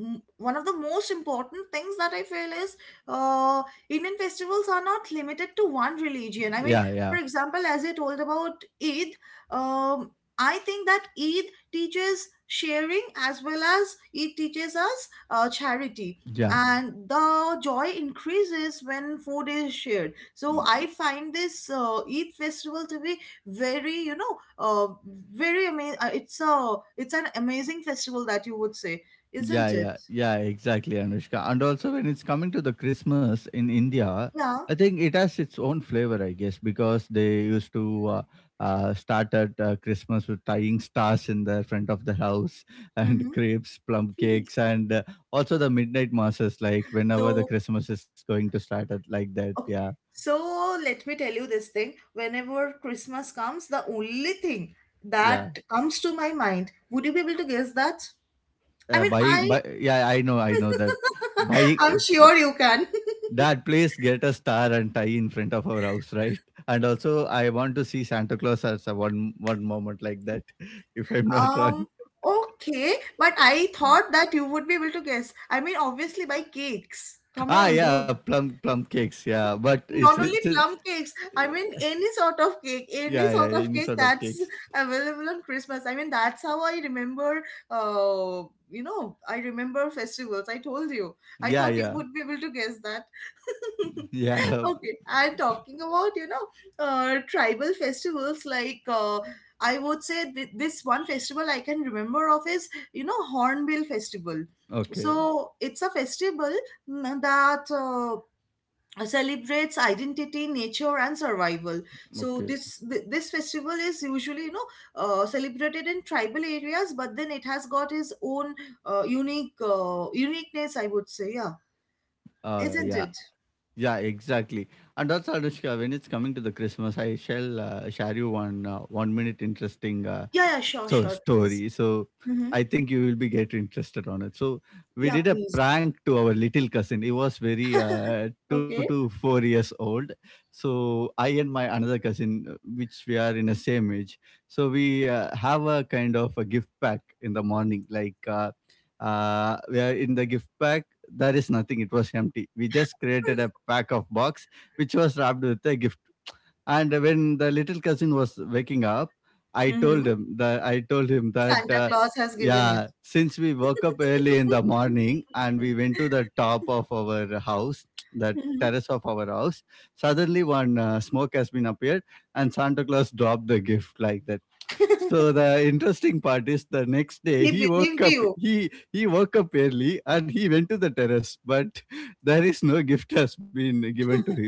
Speaker 2: m- one of the most important things that I feel is uh, Indian festivals are not limited to one religion. I mean,
Speaker 1: Yeah,
Speaker 2: for
Speaker 1: yeah,
Speaker 2: example, as you told about Eid, um, I think that Eid teaches sharing as well as Eid teaches us uh, charity.
Speaker 1: yeah,
Speaker 2: And the joy increases when food is shared. So I find this uh, Eid festival to be very you know uh, very amazing. Uh, it's a it's an amazing festival, that you would say,
Speaker 1: yeah,
Speaker 2: isn't it?
Speaker 1: yeah, yeah, exactly, Anushka. And also, when it's coming to the Christmas in India,
Speaker 2: Yeah.
Speaker 1: I think it has its own flavor, I guess, because they used to uh, uh, start at uh, Christmas with tying stars in the front of the house, and
Speaker 2: Mm-hmm.
Speaker 1: crepes, plum cakes, and uh, also the midnight masses, like whenever the
Speaker 2: So
Speaker 1: Christmas is going to start at like that.
Speaker 2: okay,
Speaker 1: Yeah,
Speaker 2: so let me tell you this thing, whenever Christmas comes, the only thing
Speaker 1: yeah.
Speaker 2: that comes to my mind, would you be able to guess that? I
Speaker 1: Uh,
Speaker 2: mean
Speaker 1: buying,
Speaker 2: I
Speaker 1: buy, yeah, I know, I know that.
Speaker 2: I'm
Speaker 1: Buying
Speaker 2: sure you can.
Speaker 1: that place, get a star and tie in front of our house, right? And also, I want to see Santa Claus as a one one moment like that, if I'm not
Speaker 2: um
Speaker 1: wrong.
Speaker 2: okay, but I thought that you would be able to guess. I mean, obviously, by cakes, come
Speaker 1: Ah,
Speaker 2: on
Speaker 1: yeah,
Speaker 2: dude.
Speaker 1: plum plum cakes, yeah. But it's,
Speaker 2: Not only
Speaker 1: it?
Speaker 2: plum cakes, I mean any sort of cake, any
Speaker 1: Yeah,
Speaker 2: sort
Speaker 1: yeah,
Speaker 2: of
Speaker 1: any
Speaker 2: cake
Speaker 1: sort of
Speaker 2: that's
Speaker 1: cakes.
Speaker 2: available on Christmas. I mean that's how I remember. Uh, you know, I remember festivals. I told you. I
Speaker 1: Yeah,
Speaker 2: thought you
Speaker 1: yeah,
Speaker 2: would be able to guess that.
Speaker 1: yeah.
Speaker 2: Okay, and talking about, you know, uh, tribal festivals like uh, I would say th- this one festival I can remember of is, you know, Hornbill Festival.
Speaker 1: Okay,
Speaker 2: So it's a festival, mm, that uh, uh, celebrates identity, nature and survival. So
Speaker 1: okay.
Speaker 2: this th- this festival is usually, you know, uh, celebrated in tribal areas, but then it has got its own uh, unique uh, uniqueness, I would say. Yeah,
Speaker 1: Uh, yeah,
Speaker 2: isn't it?
Speaker 1: yeah, exactly. And also, Anushka, when it's coming to the Christmas, I shall uh, share you one uh, one minute interesting uh,
Speaker 2: Yeah, yeah, sure,
Speaker 1: so
Speaker 2: sure, please.
Speaker 1: story. So
Speaker 2: Mm-hmm.
Speaker 1: I think you will be get interested on it. So we
Speaker 2: Yeah,
Speaker 1: did a
Speaker 2: please.
Speaker 1: prank to our little cousin. He was very uh, two to
Speaker 2: Okay.
Speaker 1: four years old. So I and my another cousin, uh, which we are in the same age, so we uh, have a kind of a gift pack in the morning. Like uh, uh, we are in the gift pack. There is nothing. It was empty. We just created a pack of box, which was wrapped with a gift, and when the little cousin was waking up, I told
Speaker 2: Mm-hmm.
Speaker 1: him that I told him that,
Speaker 2: Santa
Speaker 1: uh,
Speaker 2: Claus has given it.
Speaker 1: yeah, since we woke up early in the morning and we went to the top of our house, the terrace of our house, suddenly one uh, smoke has been appeared, and Santa Claus dropped the gift like that. So the interesting part is, the next day
Speaker 2: He
Speaker 1: he woke
Speaker 2: believed
Speaker 1: up
Speaker 2: you.
Speaker 1: he he woke up early and he went to the terrace, but there is no gift has been given to him.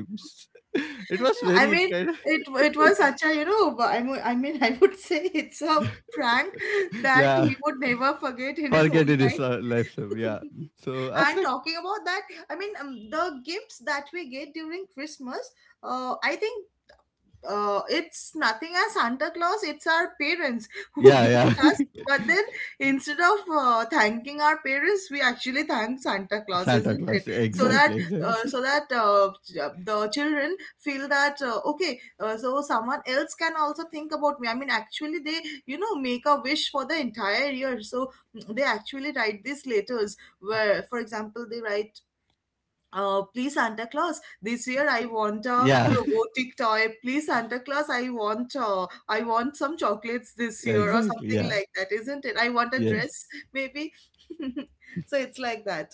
Speaker 1: It was
Speaker 2: I
Speaker 1: very
Speaker 2: mean,
Speaker 1: kind.
Speaker 2: it it was such a you know. I mean, I mean, I would say it's a prank that
Speaker 1: Yeah,
Speaker 2: he would never forget in his
Speaker 1: forget
Speaker 2: whole
Speaker 1: it is
Speaker 2: life.
Speaker 1: uh, life. So, yeah. So I was
Speaker 2: And
Speaker 1: like,
Speaker 2: talking about that, I mean, um, the gifts that we get during Christmas, uh, I think uh, it's nothing as Santa Claus, it's our parents who
Speaker 1: yeah,
Speaker 2: gift
Speaker 1: yeah,
Speaker 2: us. But then, instead of uh, thanking our parents, we actually thank Santa Claus,
Speaker 1: Santa
Speaker 2: isn't it?
Speaker 1: Claus. Yeah,
Speaker 2: So that
Speaker 1: exactly,
Speaker 2: uh, so
Speaker 1: exactly.
Speaker 2: that uh, ch- uh, the children feel that, uh, okay, uh, so someone else can also think about me. I mean, actually, they you know make a wish for the entire year. So mm, they actually write these letters where, for example, they write uh, please, Santa Claus, this year I want a
Speaker 1: Yeah,
Speaker 2: robotic toy. Please, Santa Claus, I want uh, I want some chocolates this
Speaker 1: yeah,
Speaker 2: year, or
Speaker 1: exactly.
Speaker 2: something
Speaker 1: Yeah,
Speaker 2: like that, isn't it? I want a
Speaker 1: yes,
Speaker 2: dress, maybe. So it's like that.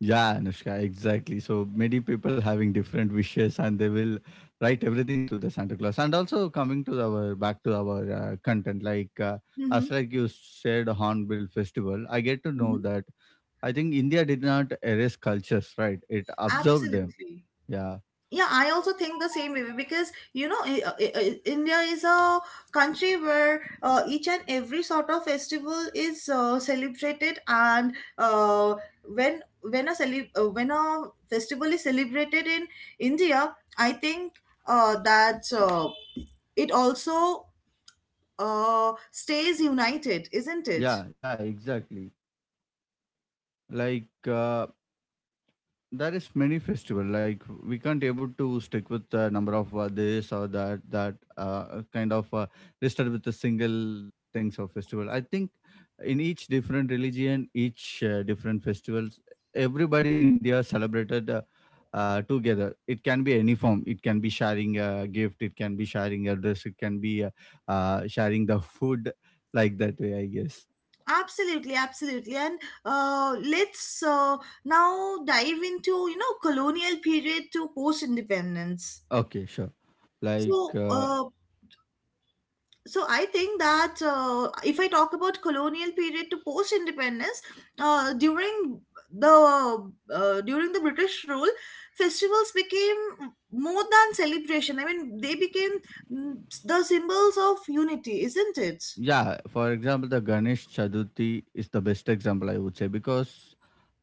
Speaker 1: yeah, Anushka, exactly. So many people having different wishes, and they will write everything to the Santa Claus. And also coming to our back to our uh, content, like uh,
Speaker 2: Hmm.
Speaker 1: as like you said, Hornbill Festival. I get to
Speaker 2: Hmm.
Speaker 1: know that. I think India did not erase cultures, right? It absorbed them.
Speaker 2: Absolutely.
Speaker 1: Yeah,
Speaker 2: Yeah, I also think the same way, because, you know, I- I- I- uh, India is a country where uh, each and every sort of festival is uh, celebrated, and uh, when when a cele- uh, when a festival is celebrated in India, I think uh, that uh, it also uh, stays united, isn't it?
Speaker 1: yeah, yeah, exactly. Like uh, there is many festival, like we can't able to stick with the number of, uh, this or that that uh, kind of uh, listed with a single things of festival. I think in each different religion, each uh, different festivals, everybody in India celebrated, uh, uh, together. It can be any form, it can be sharing a gift, it can be sharing a dress, it can be uh, uh, sharing the food, like that way, I guess.
Speaker 2: Absolutely, absolutely. And uh, let's uh, now dive into, you know, colonial period to post-independence.
Speaker 1: Okay, sure. like
Speaker 2: So,
Speaker 1: uh,
Speaker 2: uh, so I think that, uh, if I talk about colonial period to post-independence, uh, during the uh, during the British rule, festivals became more than celebration. I mean, they became, mm, the symbols of unity, isn't it?
Speaker 1: Yeah, for example, the Ganesh Chaturthi is the best example I would say, because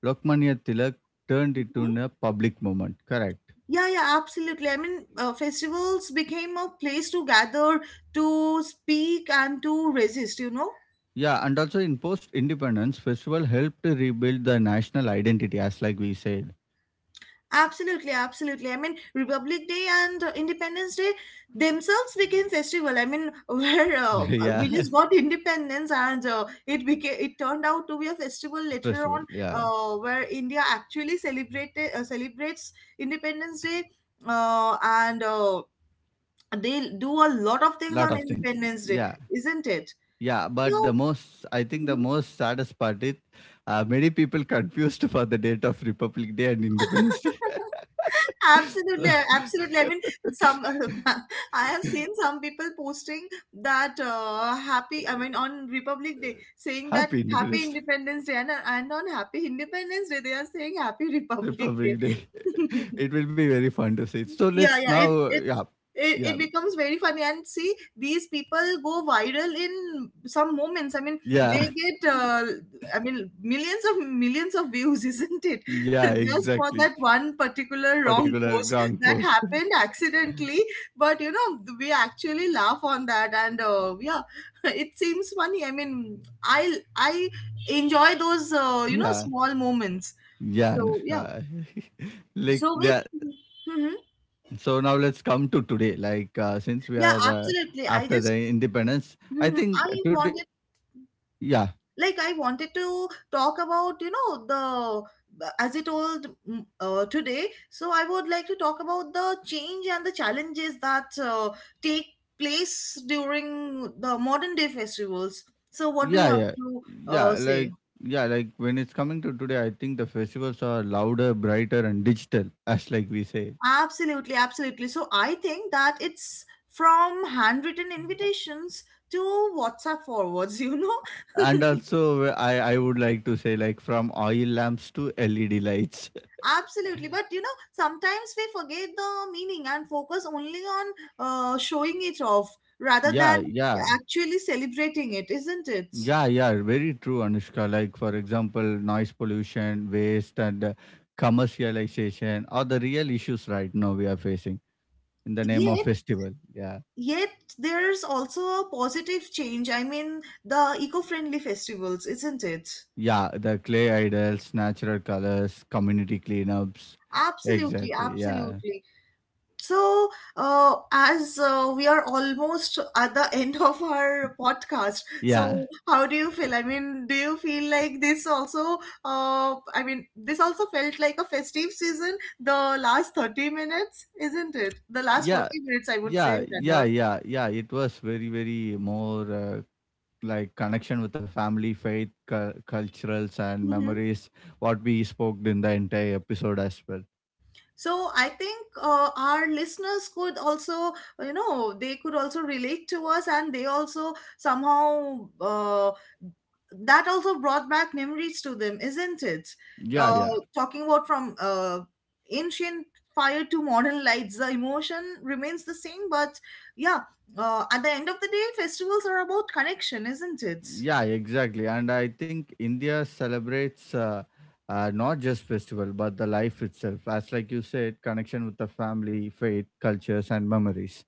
Speaker 1: Lokmanya Tilak turned it into a public moment. Correct.
Speaker 2: Yeah, yeah, absolutely. I mean, uh, festivals became a place to gather, to speak, and to resist, you know?
Speaker 1: Yeah, and also in post independence, festival helped to rebuild the national identity, as like we said.
Speaker 2: Absolutely, absolutely. I mean, Republic Day and uh, Independence Day themselves became festival. I mean, where uh, uh,
Speaker 1: Yeah,
Speaker 2: we just got independence and uh, it became it turned out to be a festival later
Speaker 1: festival.
Speaker 2: on,
Speaker 1: Yeah,
Speaker 2: uh, where India actually celebrated uh, celebrates Independence Day, uh, and uh, they do a lot of things
Speaker 1: lot
Speaker 2: on
Speaker 1: of things.
Speaker 2: Independence Day,
Speaker 1: Yeah,
Speaker 2: isn't it?
Speaker 1: yeah. But the
Speaker 2: So,
Speaker 1: most, I think, the
Speaker 2: mhm,
Speaker 1: most saddest part is, uh, many people confused for the date of Republic Day and Independence Day. So-
Speaker 2: absolutely, absolutely. I mean, some, I have seen some people posting that, uh, happy, I mean, on Republic Day, saying that
Speaker 1: Happy
Speaker 2: Happy
Speaker 1: Independence
Speaker 2: Independence Day, and, and on Happy Independence Day, they are saying Happy Republic Day.
Speaker 1: Republic Day. It will be very fun to see. So
Speaker 2: Yeah,
Speaker 1: let's
Speaker 2: yeah,
Speaker 1: now,
Speaker 2: it
Speaker 1: uh,
Speaker 2: it
Speaker 1: yeah,
Speaker 2: it, it
Speaker 1: yeah,
Speaker 2: becomes very funny, and see these people go viral in some moments. I mean, they
Speaker 1: yeah,
Speaker 2: get, uh, I mean, millions of millions of views, isn't it?
Speaker 1: yeah,
Speaker 2: Just for
Speaker 1: exactly.
Speaker 2: that one particular wrong
Speaker 1: Particular
Speaker 2: post
Speaker 1: wrong
Speaker 2: that
Speaker 1: post.
Speaker 2: happened accidentally. But you know, we actually laugh on that, and uh, yeah, it seems funny. I mean, i i enjoy those, uh, you know,
Speaker 1: Yeah,
Speaker 2: small moments.
Speaker 1: yeah,
Speaker 2: So yeah.
Speaker 1: Anushka. Like
Speaker 2: So with,
Speaker 1: yeah.
Speaker 2: mhm,
Speaker 1: So now let's come to today. Like uh, since we
Speaker 2: yeah,
Speaker 1: are, uh,
Speaker 2: absolutely. I
Speaker 1: after
Speaker 2: just,
Speaker 1: the independence, I
Speaker 2: Mhm.
Speaker 1: think
Speaker 2: I
Speaker 1: today.
Speaker 2: wanted,
Speaker 1: Yeah,
Speaker 2: like, I wanted to talk about, you know, the, uh, as I told, mm, uh, today, so I would like to talk about the change and the challenges that uh, take place during the modern day festivals. So, what do you
Speaker 1: yeah,
Speaker 2: have
Speaker 1: yeah,
Speaker 2: to
Speaker 1: yeah.
Speaker 2: uh, say?
Speaker 1: Like yeah, like when it's coming to today, I think the festivals are louder, brighter, and digital, as like we say.
Speaker 2: Absolutely, absolutely. So, I think that it's from handwritten invitations to WhatsApp forwards, you know?
Speaker 1: And also, I I would like to say, like from oil lamps to L E D lights.
Speaker 2: Absolutely, but you know, sometimes we forget the meaning and focus only on uh, showing it off rather than
Speaker 1: Yeah, yeah.
Speaker 2: actually celebrating it, isn't it?
Speaker 1: Yeah, yeah, very true, Anushka. Like, for example, noise pollution, waste, and uh, commercialization are the real issues right now we are facing in the name of
Speaker 2: Yet,
Speaker 1: festival. Yeah,
Speaker 2: yet, there's also a positive change. I mean, the eco-friendly festivals, isn't it?
Speaker 1: yeah, the clay idols, natural colors, community cleanups.
Speaker 2: Absolutely,
Speaker 1: Exactly. Yeah,
Speaker 2: absolutely. So uh, as uh, we are almost at the end of our podcast.
Speaker 1: yeah,
Speaker 2: So how do you feel? I mean, do you feel like this also, uh, I mean, this also felt like a festive season, the last thirty minutes, isn't it? The last
Speaker 1: yeah,
Speaker 2: forty minutes, I would say,
Speaker 1: yeah,
Speaker 2: rather.
Speaker 1: yeah, yeah, yeah. It was very, very more uh, like connection with the family, faith, cu- culturals, and
Speaker 2: Mm-hmm.
Speaker 1: memories. What we spoke in the entire episode as well.
Speaker 2: So I think, uh, our listeners could also, you know, they could also relate to us, and they also somehow, uh, that also brought back memories to them, isn't it?
Speaker 1: Yeah,
Speaker 2: uh,
Speaker 1: yeah,
Speaker 2: talking about from uh, ancient fire to modern lights, the emotion remains the same, but yeah, uh, at the end of the day, festivals are about connection, isn't it?
Speaker 1: yeah, exactly. And I think India celebrates uh, uh, not just festival, but the life itself. As like you said, connection with the family, faith, cultures, and memories.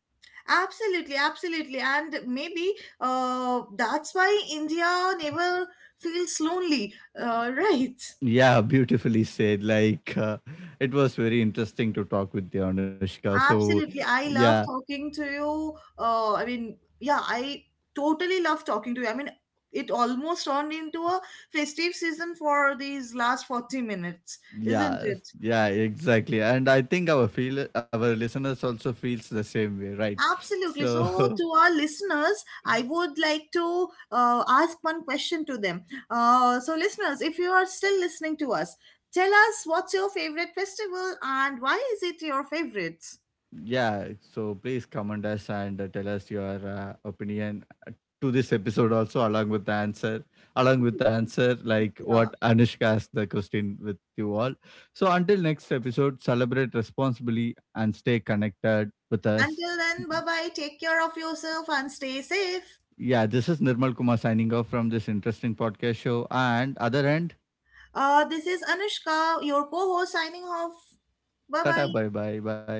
Speaker 2: Absolutely, absolutely. And maybe uh, that's why India never feels lonely, uh, right?
Speaker 1: Yeah, beautifully said. Like uh, it was very interesting to talk with you, Anushka. So
Speaker 2: Absolutely. I
Speaker 1: yeah,
Speaker 2: love talking to you. Uh, I mean, yeah, I totally love talking to you. I mean, it almost turned into a festive season for these last forty minutes, isn't
Speaker 1: yeah,
Speaker 2: it?
Speaker 1: yeah, exactly. And I think our feel our listeners also feels the same way, right?
Speaker 2: Absolutely. So,
Speaker 1: So
Speaker 2: to our listeners, I would like to uh, ask one question to them. Uh, so, listeners, if you are still listening to us, tell us, what's your favorite festival and why is it your favorite?
Speaker 1: yeah, so please comment us and uh, tell us your uh, opinion uh, to this episode also, along with the answer, along with the answer, like
Speaker 2: Yeah.
Speaker 1: what Anushka asked the question with you all. So until next episode, celebrate responsibly and stay connected with us.
Speaker 2: Until then, bye bye. Take care of yourself and stay safe.
Speaker 1: Yeah, this is Nirmal Kumar signing off from this interesting podcast show. And other end,
Speaker 2: Uh, this is Anushka, your co host, signing off. Bye
Speaker 1: tata,
Speaker 2: bye.
Speaker 1: bye, bye, bye.